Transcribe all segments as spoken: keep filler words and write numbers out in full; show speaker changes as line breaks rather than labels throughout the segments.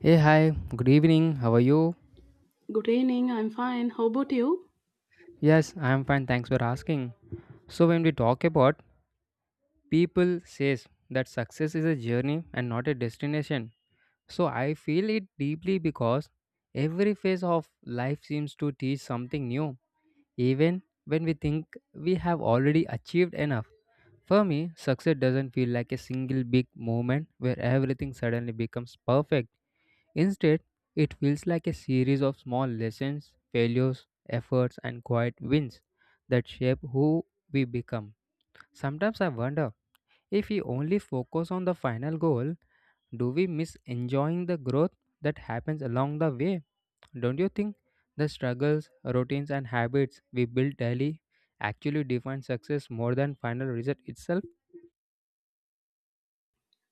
Hey, hi, good evening, how are you?
Good evening, I'm fine. How about you?
Yes, I am fine, thanks for asking. So, when we talk about people says that success is a journey and not a destination. So, I feel it deeply because every phase of life seems to teach something new, even when we think we have already achieved enough. For me, success doesn't feel like a single big moment where everything suddenly becomes perfect. Instead, it feels like a series of small lessons, failures, efforts, and quiet wins that shape who we become. Sometimes I wonder if we only focus on the final goal, do we miss enjoying the growth that happens along the way? Don't you think the struggles, routines, and habits we build daily actually define success more than final result itself?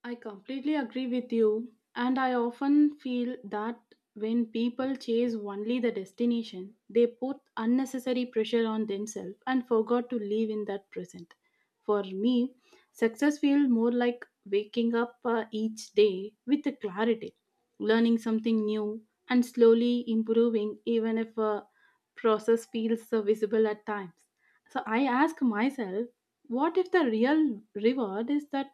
I completely agree with you, and I often feel that when people chase only the destination, they put unnecessary pressure on themselves and forgot to live in that present. For me, success feels more like waking up uh, each day with a clarity, learning something new, and slowly improving, even if a process feels uh, visible at times. So I ask myself, what if the real reward is that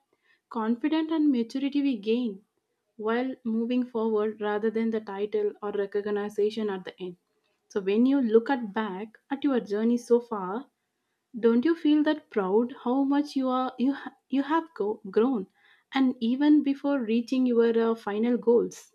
confidence and maturity we gain while moving forward rather than the title or recognition at the end? So when you look at back at your journey so far, don't you feel that proud how much you are you ha- you have go- grown and even before reaching your uh, final goals?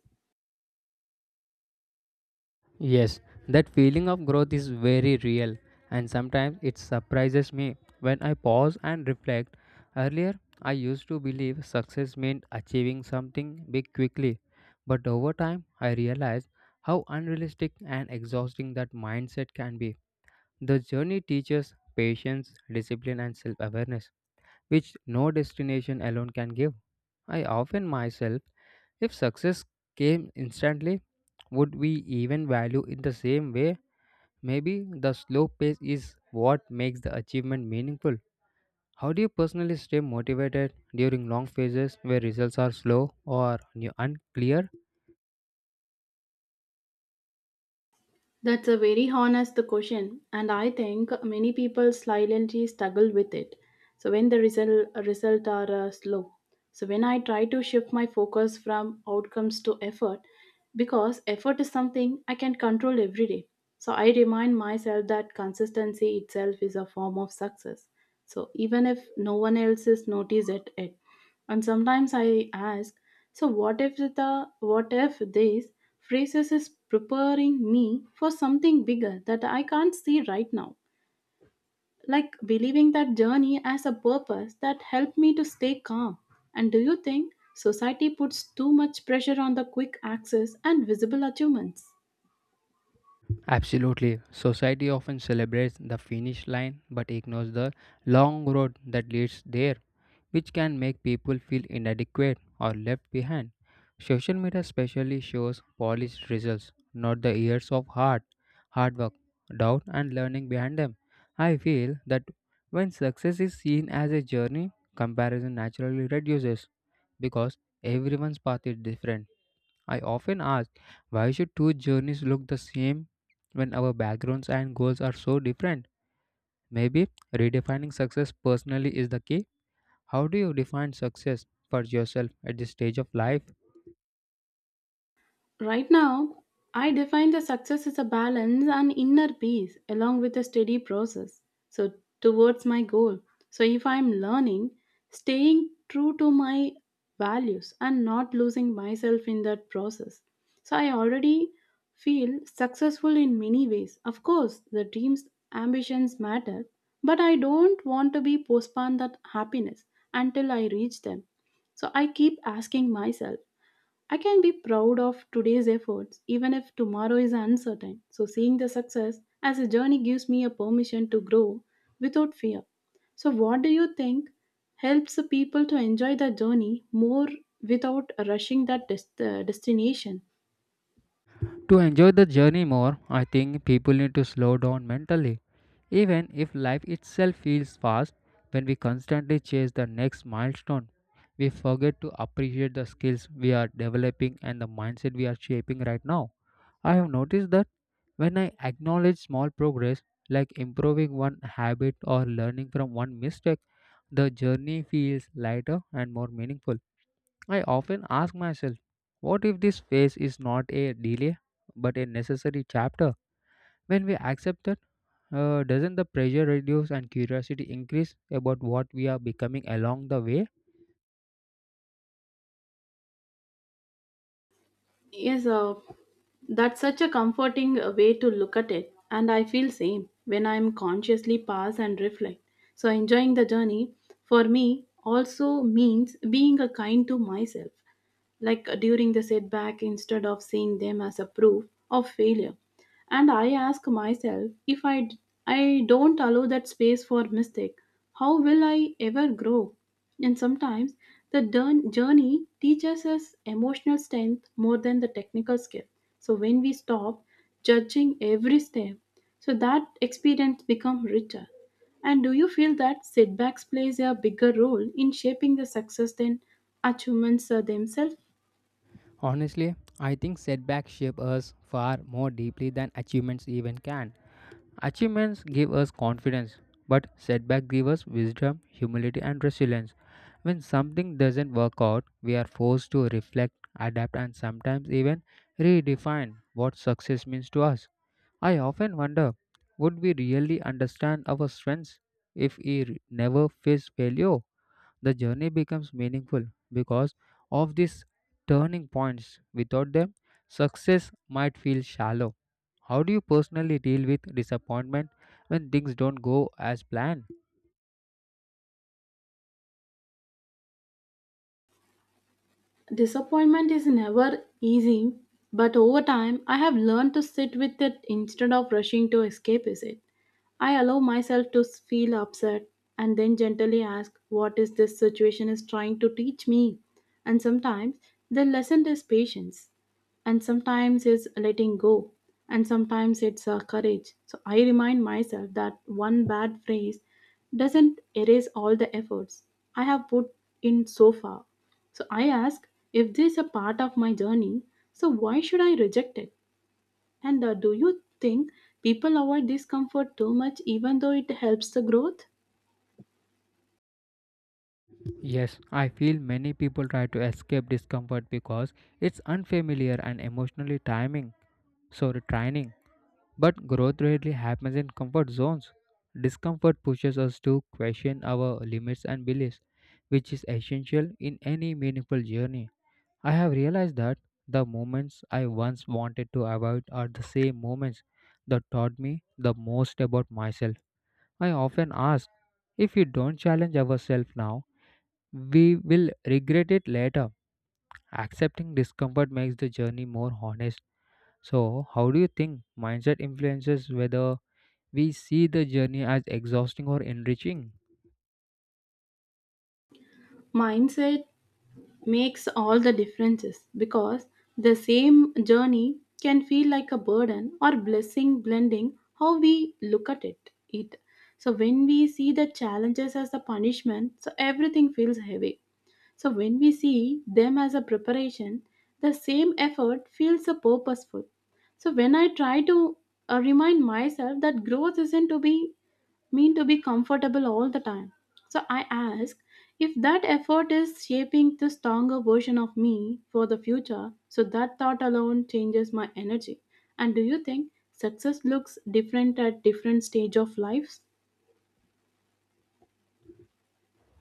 Yes, that feeling of growth is very real, and sometimes it surprises me when I pause and reflect. Earlier, I used to believe success meant achieving something big quickly, but over time, I realized how unrealistic and exhausting that mindset can be. The journey teaches patience, discipline, and self awareness, which no destination alone can give. I often myself if success came instantly, would we even value it the same way? Maybe the slow pace is what makes the achievement meaningful. How do you personally stay motivated during long phases where results are slow or new- unclear?
That's a very honest question, and I think many people silently struggle with it. So when the result result are uh, slow, so when I try to shift my focus from outcomes to effort, because effort is something I can control every day. So I remind myself that consistency itself is a form of success. So even if no one else is notice it, it. And sometimes I ask, so what if the what if this phrases is preparing me for something bigger that I can't see right now? Like believing that journey as a purpose that helped me to stay calm. And do you think society puts too much pressure on the quick access and visible achievements?
Absolutely. Society often celebrates the finish line but ignores the long road that leads there, which can make people feel inadequate or left behind. Social media especially shows polished results, not the years of hard, hard work, doubt, and learning behind them. I feel that when success is seen as a journey, comparison naturally reduces because everyone's path is different. I often ask why should two journeys look the same when our backgrounds and goals are so different? Maybe redefining success personally is the key. How do you define success for yourself at this stage of life?
Right now, I define the success as a balance and inner peace along with a steady process. So, towards my goal. So, if I'm learning, staying true to my values and not losing myself in that process. So, I already feel successful in many ways. Of course, the dreams, ambitions matter, but I don't want to be postponed that happiness until I reach them. So, I keep asking myself I can be proud of today's efforts even if tomorrow is uncertain. So, seeing the success as a journey gives me a permission to grow without fear. So, what do you think helps the people to enjoy the journey more without rushing that dest- uh, destination?
To enjoy the journey more, I think people need to slow down mentally. Even if life itself feels fast, when we constantly chase the next milestone, we forget to appreciate the skills we are developing and the mindset we are shaping right now. I have noticed that when I acknowledge small progress, like improving one habit or learning from one mistake, the journey feels lighter and more meaningful. I often ask myself, what if this phase is not a delay but a necessary chapter? When we accept that, uh, doesn't the pressure reduce and curiosity increase about what we are becoming along the way?
Yes, uh, that's such a comforting uh, way to look at it, and I feel same when I'm consciously pause and reflect. So, enjoying the journey for me also means being a kind to myself like uh, during the setback instead of seeing them as a proof of failure. And I ask myself, if i d- I don't allow that space for mistake, how will I ever grow? And sometimes the dern- journey teaches us emotional strength more than the technical skill. So when we stop judging every step, so that experience become richer. And do you feel that setbacks plays a bigger role in shaping the success than achievements uh, themselves?
Honestly, I think setbacks shape us far more deeply than achievements even can. Achievements give us confidence, but setbacks give us wisdom, humility, and resilience. When something doesn't work out, we are forced to reflect, adapt, and sometimes even redefine what success means to us. I often wonder would we really understand our strengths if we re- never face failure? The journey becomes meaningful because of these turning points. Without them, success might feel shallow. How do you personally deal with disappointment when things don't go as planned?
Disappointment is never easy, but over time I have learned to sit with it instead of rushing to escape is it. I allow myself to feel upset and then gently ask, what is this situation is trying to teach me? And sometimes the lesson is patience, and sometimes it's letting go, and sometimes it's uh, courage. So I remind myself that one bad phrase doesn't erase all the efforts I have put in so far. So I ask, if this is a part of my journey, so why should I reject it? And uh, do you think people avoid discomfort too much, even though it helps the growth?
Yes, I feel many people try to escape discomfort because it's unfamiliar and emotionally timing, so retraining. But growth rarely happens in comfort zones. Discomfort pushes us to question our limits and beliefs, which is essential in any meaningful journey. I have realized that the moments I once wanted to avoid are the same moments that taught me the most about myself. I often ask if we don't challenge ourselves now, we will regret it later. Accepting discomfort makes the journey more honest. So, how do you think mindset influences whether we see the journey as exhausting or enriching?
Mindset makes all the differences because the same journey can feel like a burden or blessing, blending how we look at it. it. So, when we see the challenges as a punishment, so everything feels heavy. So, when we see them as a preparation, the same effort feels a purposeful. So when I try to uh, remind myself that growth isn't to be mean to be comfortable all the time. So I ask, if that effort is shaping the stronger version of me for the future, so that thought alone changes my energy. And do you think success looks different at different stage of life?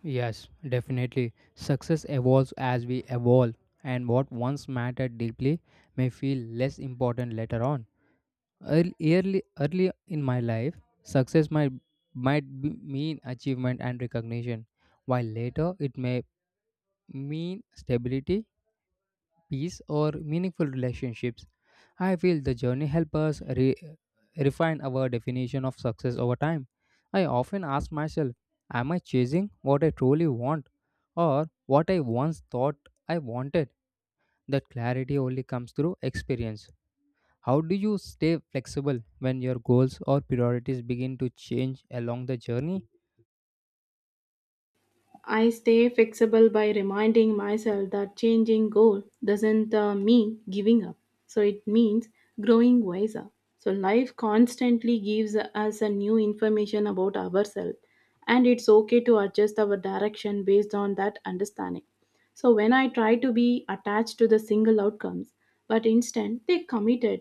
Yes, definitely. Success evolves as we evolve, and what once mattered deeply may feel less important later on. Earl- Early, early in my life, success might might be- mean achievement and recognition, while later it may mean stability, peace, or meaningful relationships. I feel the journey helps us re- refine our definition of success over time. I often ask myself, am I chasing what I truly want? Or what I once thought I wanted. That clarity only comes through experience. How do you stay flexible when your goals or priorities begin to change along the journey?
I stay flexible by reminding myself that changing goal doesn't uh, mean giving up. So it means growing wiser. So life constantly gives us a new information about ourselves and it's okay to adjust our direction based on that understanding. So when I try to be attached to the single outcomes, but instead they committed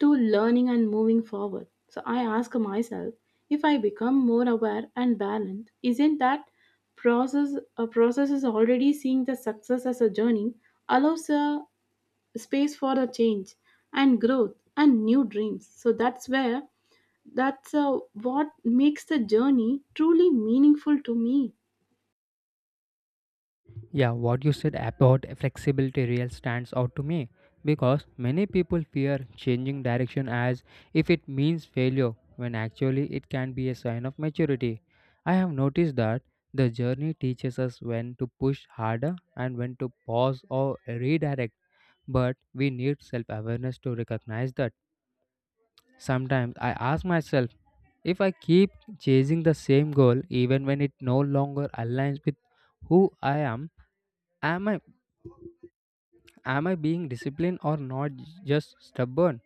to learning and moving forward. So I ask myself, if I become more aware and balanced, isn't that process a process is already seeing the success as a journey allows a space for a change and growth and new dreams. So that's where that's uh, what makes the journey truly meaningful to me.
Yeah, what you said about flexibility real stands out to me because many people fear changing direction as if it means failure when actually it can be a sign of maturity. I have noticed that the journey teaches us when to push harder and when to pause or redirect, but we need self awareness to recognize that. Sometimes I ask myself if I keep chasing the same goal even when it no longer aligns with who I am Am I am I being disciplined or not j- just stubborn?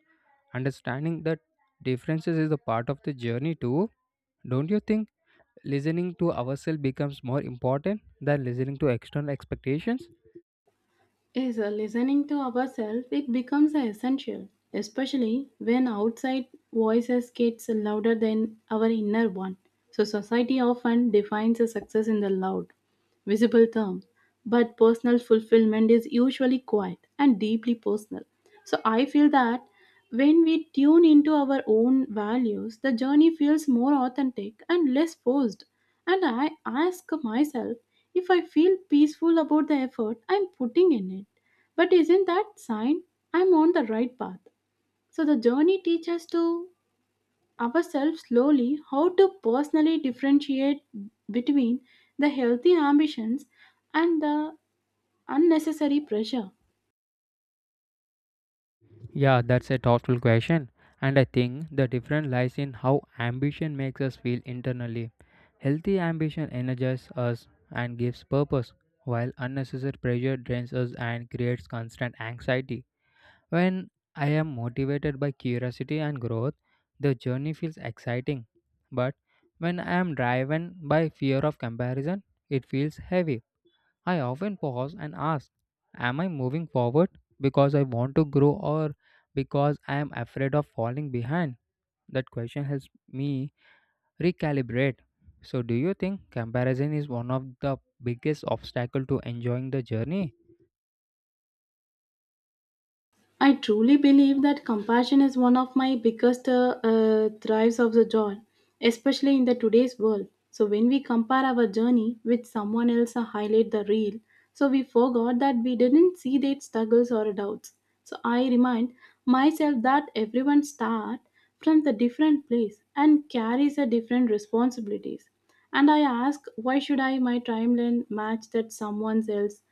Understanding that differences is a part of the journey too. Don't you think listening to ourselves becomes more important than listening to external expectations?
Is uh, listening to ourselves it becomes essential, especially when outside voices gets louder than our inner one. So society often defines a success in the loud visible term, but personal fulfillment is usually quiet and deeply personal. So I feel that when we tune into our own values, the journey feels more authentic and less forced. And I ask myself if I feel peaceful about the effort I'm putting in it. But isn't that sign I'm on the right path? So the journey teaches to ourselves slowly how to personally differentiate between the healthy ambitions and the unnecessary pressure.
Yeah, that's a thoughtful question. And I think the difference lies in how ambition makes us feel internally. Healthy ambition energizes us and gives purpose, while unnecessary pressure drains us and creates constant anxiety. When I am motivated by curiosity and growth, the journey feels exciting. But when I am driven by fear of comparison, it feels heavy. I often pause and ask, am I moving forward because I want to grow or because I am afraid of falling behind? That question helps me recalibrate. So, do you think comparison is one of the biggest obstacle to enjoying the journey?
I truly believe that compassion is one of my biggest uh, uh, thrives of the joy, especially in the today's world. So when we compare our journey with someone else, uh, highlight the real. So we forgot that we didn't see their struggles or doubts. So I remind myself that everyone start from the different place and carries a different responsibilities. And I ask, why should I my timeline match that someone else?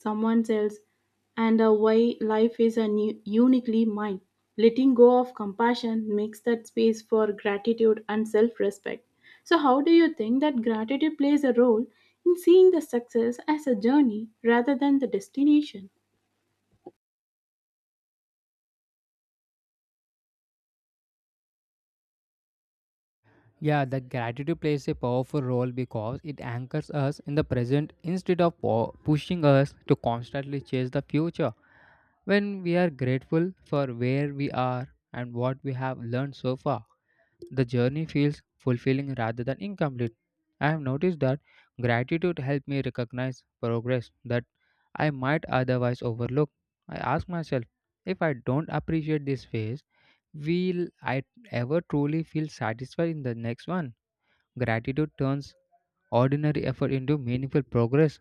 someone else And uh, why life is a new, uniquely mine. Letting go of compassion makes that space for gratitude and self respect. So, how do you think that gratitude plays a role in seeing the success as a journey rather than the destination?
Yeah, the gratitude plays a powerful role because it anchors us in the present instead of po- pushing us to constantly chase the future. When we are grateful for where we are and what we have learned so far, the journey feels fulfilling rather than incomplete. I have noticed that gratitude helped me recognize progress that I might otherwise overlook. I ask myself, if I don't appreciate this phase, will I ever truly feel satisfied in the next one? Gratitude turns ordinary effort into meaningful progress.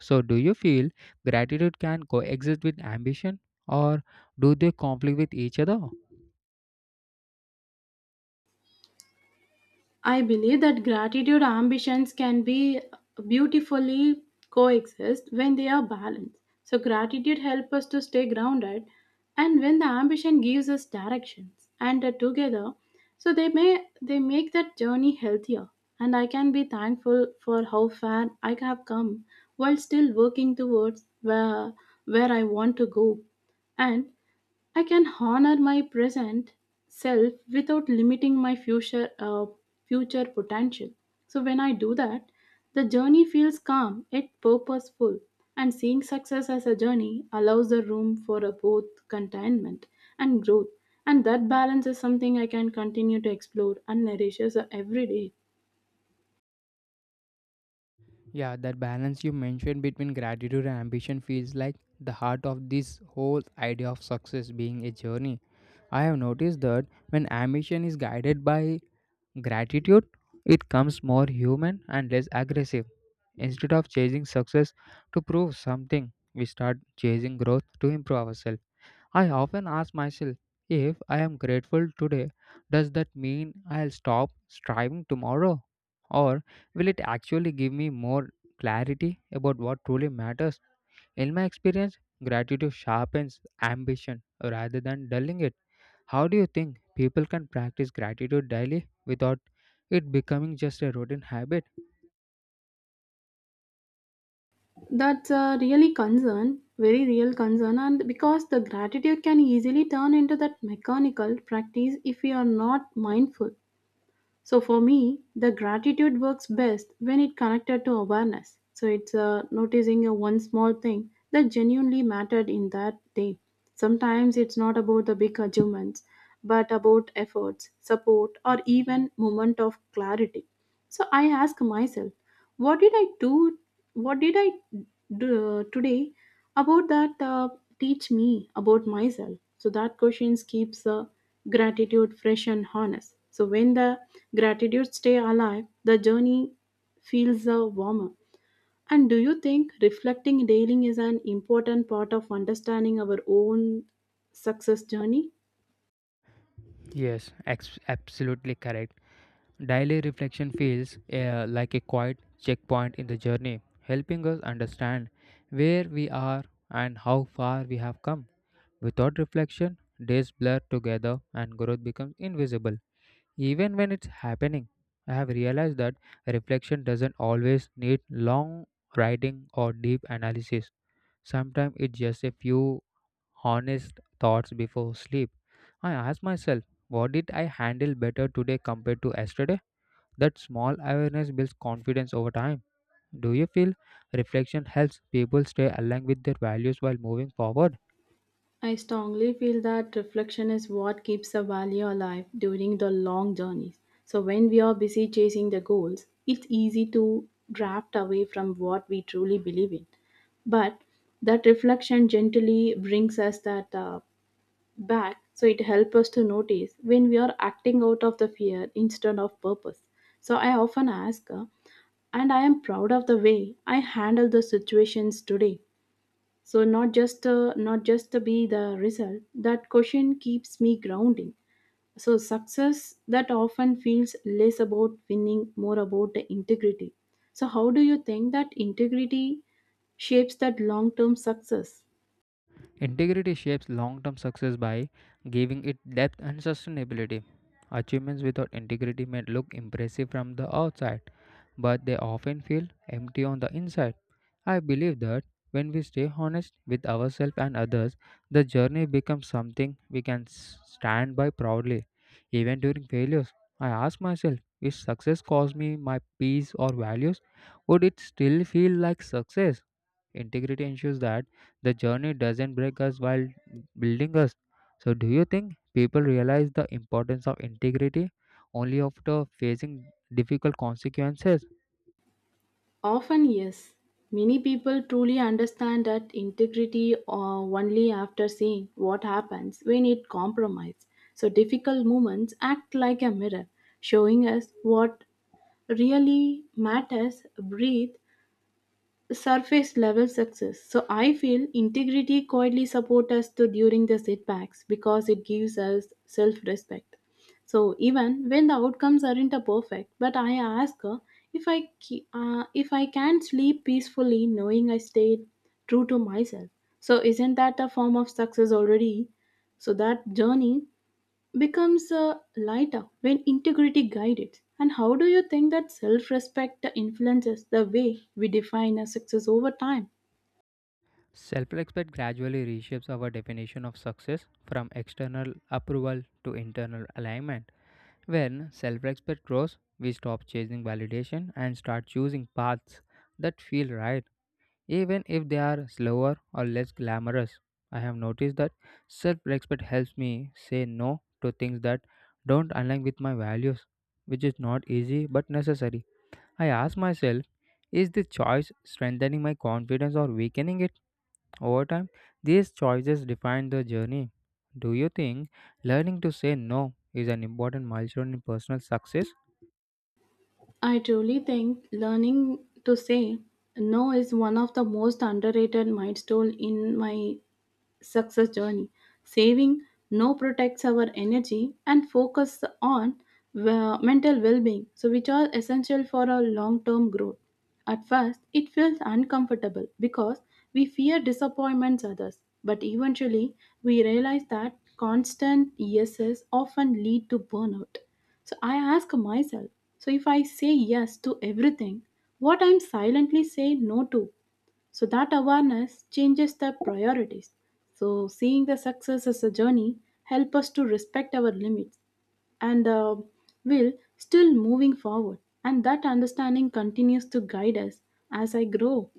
So, do you feel gratitude can coexist with ambition or do they conflict with each other?
I believe that gratitude ambitions can be beautifully coexist when they are balanced. So gratitude helps us to stay grounded, and when the ambition gives us directions and uh, together, so they may they make that journey healthier. And I can be thankful for how far I have come while still working towards where where I want to go. And I can honor my present self without limiting my future uh, future potential. So when I do that, the journey feels calm, yet purposeful. And seeing success as a journey allows the room for a both contentment and growth. And that balance is something I can continue to explore and nourishes uh, every day.
Yeah, that balance you mentioned between gratitude and ambition feels like the heart of this whole idea of success being a journey. I have noticed that when ambition is guided by gratitude, it comes more human and less aggressive. Instead of chasing success to prove something, we start chasing growth to improve ourselves. I often ask myself if I am grateful today, does that mean I'll stop striving tomorrow? Or will it actually give me more clarity about what truly matters? In my experience, gratitude sharpens ambition rather than dulling it. How do you think people can practice gratitude daily without it becoming just a routine habit?
That's a really concern, very real concern, and because the gratitude can easily turn into that mechanical practice if we are not mindful. So for me, the gratitude works best when it connected to awareness. So it's uh, noticing a one small thing that genuinely mattered in that day. Sometimes it's not about the big achievements, but about efforts, support, or even moment of clarity. So I ask myself, what did i do what did i do today, about that uh, teach me about myself. So that questions keeps uh, gratitude fresh and honest. So when the gratitude stay alive, the journey feels uh, warmer. And do you think reflecting daily is an important part of understanding our own success journey?
Yes, ex- absolutely correct. Daily reflection feels uh, like a quiet checkpoint in the journey, helping us understand where we are and how far we have come. Without reflection, days blur together and growth becomes invisible. Even when it's happening, I have realized that reflection doesn't always need long writing or deep analysis. Sometimes it's just a few honest thoughts before sleep. I ask myself, what did I handle better today compared to yesterday? That small awareness builds confidence over time. Do you feel reflection helps people stay aligned with their values while moving forward?
I strongly feel that reflection is what keeps a value alive during the long journeys. So, when we are busy chasing the goals, it's easy to draft away from what we truly believe in. But that reflection gently brings us that uh, back, so it helps us to notice when we are acting out of the fear instead of purpose. So, I often ask, uh, and I am proud of the way I handle the situations today, so not just uh, not just to be the result. That question keeps me grounding. So success that often feels less about winning, more about the integrity. So how do you think that integrity shapes that long-term success?
Integrity shapes long term success by giving it depth and sustainability. Achievements without integrity may look impressive from the outside, but they often feel empty on the inside. I believe that when we stay honest with ourselves and others, the journey becomes something we can s- stand by proudly. Even during failures, I ask myself if success cost me my peace or values, would it still feel like success? Integrity ensures that the journey doesn't break us while building us. So, do you think people realize the importance of integrity only after facing difficult consequences?
Often yes, many people truly understand that integrity uh, only after seeing what happens when it compromises. So difficult moments act like a mirror, showing us what really matters breathe surface level success. So I feel integrity quietly supports us to during the setbacks because it gives us self respect. So even when the outcomes aren't a perfect, but I ask her, if i ke- uh, if I can sleep peacefully knowing I stayed true to myself, so isn't that a form of success already? So that journey becomes uh, lighter when integrity guides it. And how do you think that self respect influences the way we define a success over time?
Self respect gradually reshapes our definition of success from external approval to internal alignment. When self respect grows, we stop chasing validation and start choosing paths that feel right, even if they are slower or less glamorous. I have noticed that self respect helps me say no to things that don't align with my values, which is not easy but necessary. I ask myself, is this choice strengthening my confidence or weakening it? Over time, these choices define the journey. Do you think learning to say no is an important milestone in personal success?
I truly think learning to say no is one of the most underrated milestone in my success journey. Saving no protects our energy and focus on uh, mental well-being, so which are essential for our long-term growth. At first, it feels uncomfortable because we fear disappointments others, but eventually we realize that constant yeses often lead to burnout. So I ask myself, so if I say yes to everything, what I'm silently saying no to? So that awareness changes the priorities. So seeing the success as a journey help us to respect our limits and uh, will still moving forward. And that understanding continues to guide us as I grow.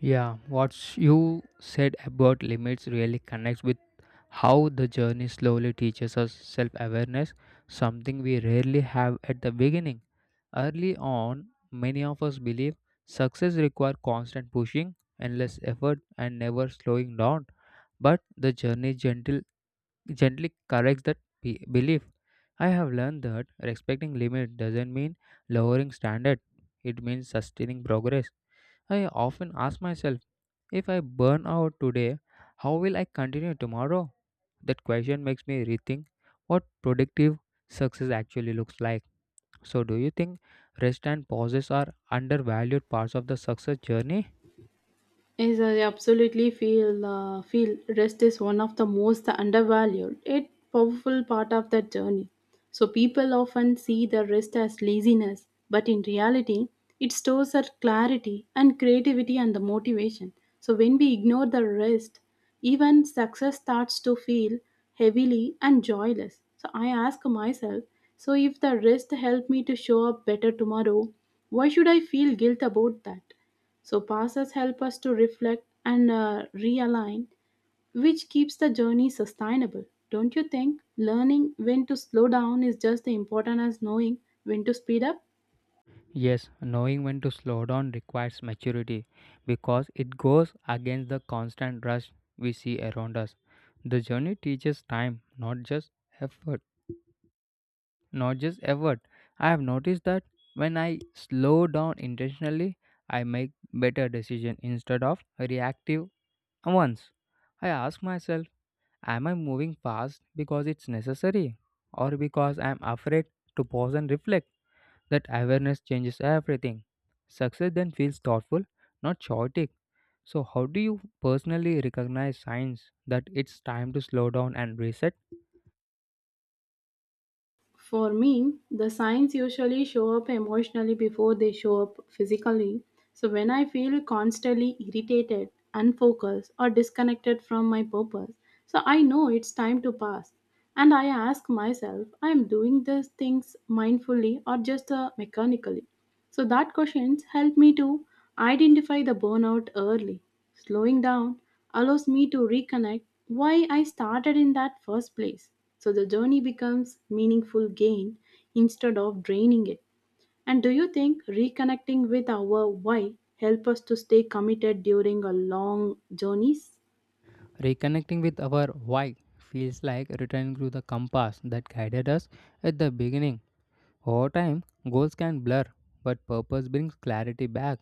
Yeah, what you said about limits really connects with how the journey slowly teaches us self awareness, something we rarely have at the beginning. Early on, many of us believe success requires constant pushing, endless effort, and never slowing down. But the journey is gentle gently corrects that be- belief. I have learned that respecting limit doesn't mean lowering standard. It means sustaining progress. I often ask myself, if I burn out today, how will I continue tomorrow? That question makes me rethink what productive success actually looks like. So do you think rest and pauses are undervalued parts of the success journey?
Yes, I absolutely feel uh, feel rest is one of the most undervalued, yet powerful part of that journey. So people often see the rest as laziness, but in reality, it stores our clarity and creativity and the motivation. So when we ignore the rest, even success starts to feel heavily and joyless. So I ask myself, so if the rest helped me to show up better tomorrow, why should I feel guilt about that? So passes help us to reflect and uh, realign, which keeps the journey sustainable. Don't you think learning when to slow down is just as important as knowing when to speed up?
Yes, knowing when to slow down requires maturity because it goes against the constant rush we see around us. The journey teaches time, not just effort. Not just effort. I have noticed that when I slow down intentionally, I make better decisions instead of reactive ones. I ask myself, am I moving fast because it's necessary or because I'm afraid to pause and reflect? That awareness changes everything. Success then feels thoughtful, not chaotic. So, how do you personally recognize signs that it's time to slow down and reset?
For me, the signs usually show up emotionally before they show up physically. So when I feel constantly irritated, unfocused, or disconnected from my purpose, so I know it's time to pass. And I ask myself, I am doing these things mindfully or just uh, mechanically. So that questions help me to identify the burnout early. Slowing down allows me to reconnect why I started in that first place. So the journey becomes meaningful gain instead of draining it. And do you think reconnecting with our why help us to stay committed during a long journeys?
Reconnecting with our why feels like returning to the compass that guided us at the beginning. Over time, goals can blur, but purpose brings clarity back.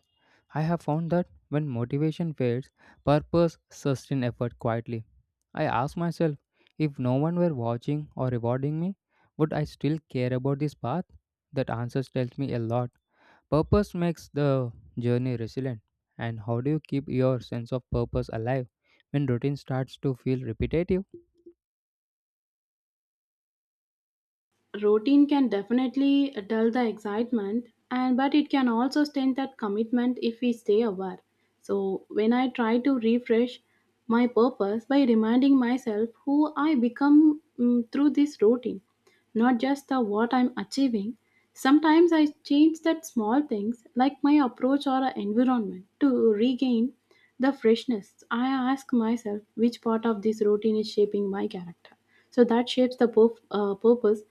I have found that when motivation fades, purpose sustains effort quietly. I ask myself if no one were watching or rewarding me, would I still care about this path? That answer tells me a lot. Purpose makes the journey resilient. And how do you keep your sense of purpose alive when routine starts to feel repetitive?
Routine can definitely uh, dull the excitement and but it can also stain that commitment if we stay aware. So when I try to refresh my purpose by reminding myself who I become mm, through this routine, not just the what I'm achieving. Sometimes I change that small things like my approach or environment to regain the freshness. I ask myself which part of this routine is shaping my character, so that shapes the purf- uh, purpose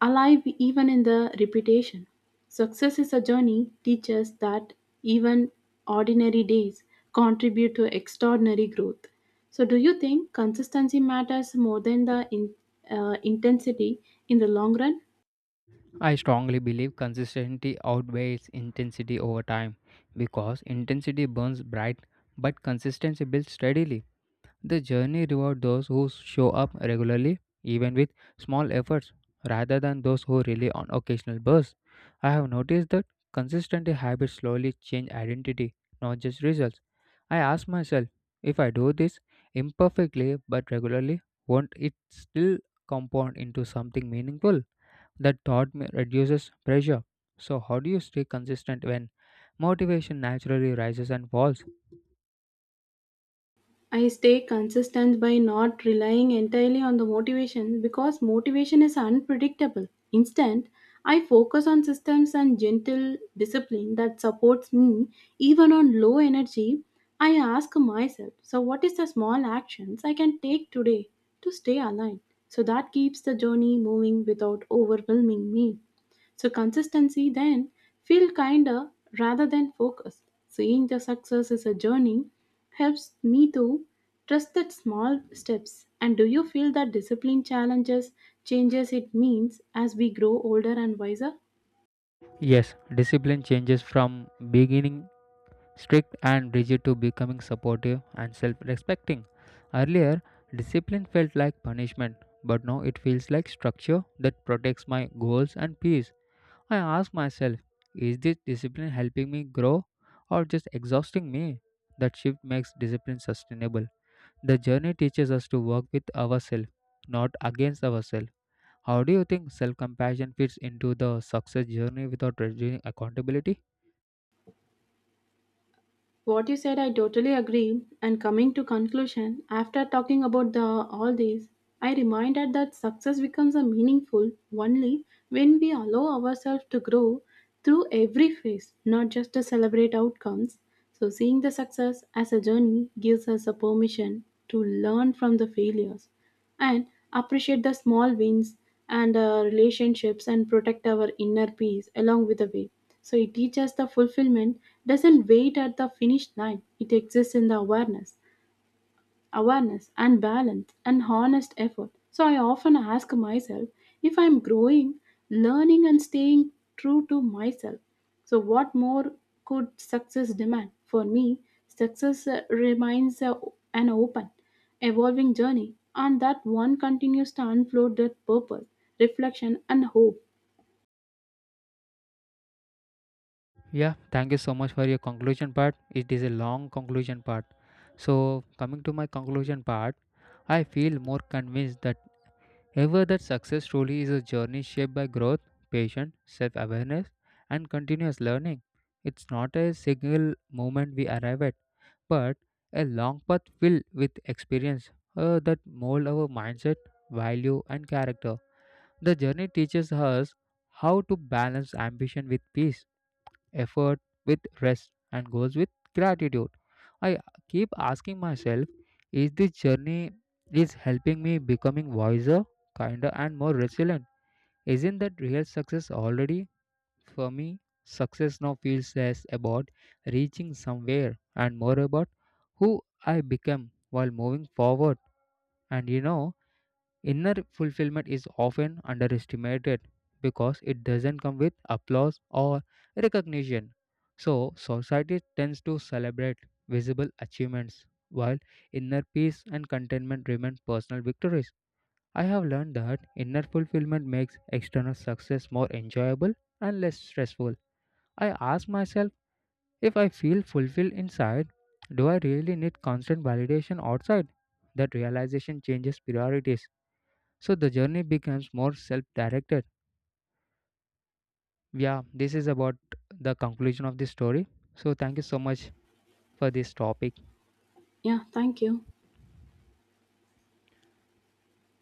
alive even in the repetition. Success is a journey teaches that even ordinary days contribute to extraordinary growth. So, do you think consistency matters more than the in, uh, intensity in the long run?
I strongly believe consistency outweighs intensity over time because intensity burns bright but consistency builds steadily. The journey rewards those who show up regularly, even with small efforts, rather than those who rely on occasional bursts. I have noticed that consistent habits slowly change identity, not just results. I ask myself if I do this imperfectly but regularly, won't it still compound into something meaningful? That thought ma- reduces pressure. So, how do you stay consistent when motivation naturally rises and falls?
I stay consistent by not relying entirely on the motivation because motivation is unpredictable. Instead, I focus on systems and gentle discipline that supports me even on low energy. I ask myself, so what is the small actions I can take today to stay aligned? So that keeps the journey moving without overwhelming me. So consistency then feel kinder rather than focused. Seeing the success as a journey helps me to trust that small steps. And do you feel that discipline challenges changes it means as we grow older and wiser?
Yes, discipline changes from beginning strict and rigid to becoming supportive and self respecting. Earlier, discipline felt like punishment, but now it feels like structure that protects my goals and peace. I ask myself, is this discipline helping me grow or just exhausting me? That shift makes discipline sustainable. The journey teaches us to work with ourselves, not against ourselves. How do you think self compassion fits into the success journey without reducing accountability?
What you said, I totally agree. And coming to conclusion, after talking about the all these, I reminded that success becomes a meaningful only when we allow ourselves to grow through every phase, not just to celebrate outcomes. So seeing the success as a journey gives us a permission to learn from the failures and appreciate the small wins and uh, relationships and protect our inner peace along with the way. So it teaches the fulfillment doesn't wait at the finish line, it exists in the awareness awareness and balance and honest effort. So I often ask myself if I'm growing, learning, and staying true to myself. So, what more could success demand? For me, success uh, remains uh, an open, evolving journey, and that one continues to unfold that purpose, reflection, and hope.
Yeah, thank you so much for your conclusion part. It is a long conclusion part. So, coming to my conclusion part, I feel more convinced that however, that success truly is a journey shaped by growth, patience, self awareness, and continuous learning. It's not a single moment we arrive at, but a long path filled with experience uh, that mold our mindset, value, and character. The journey teaches us how to balance ambition with peace, effort with rest and goes with gratitude. I keep asking myself, is this journey is helping me becoming wiser, kinder and more resilient? Isn't that real success already? For me, success now feels less about reaching somewhere and more about who I become while moving forward. And you know, inner fulfillment is often underestimated because it doesn't come with applause or recognition. So, society tends to celebrate visible achievements while inner peace and contentment remain personal victories. I have learned that inner fulfillment makes external success more enjoyable and less stressful. I ask myself if I feel fulfilled inside, do I really need constant validation outside? That realization changes priorities so the journey becomes more self directed. Yeah, this is about the conclusion of this story. So thank you so much for this topic.
Yeah, thank you.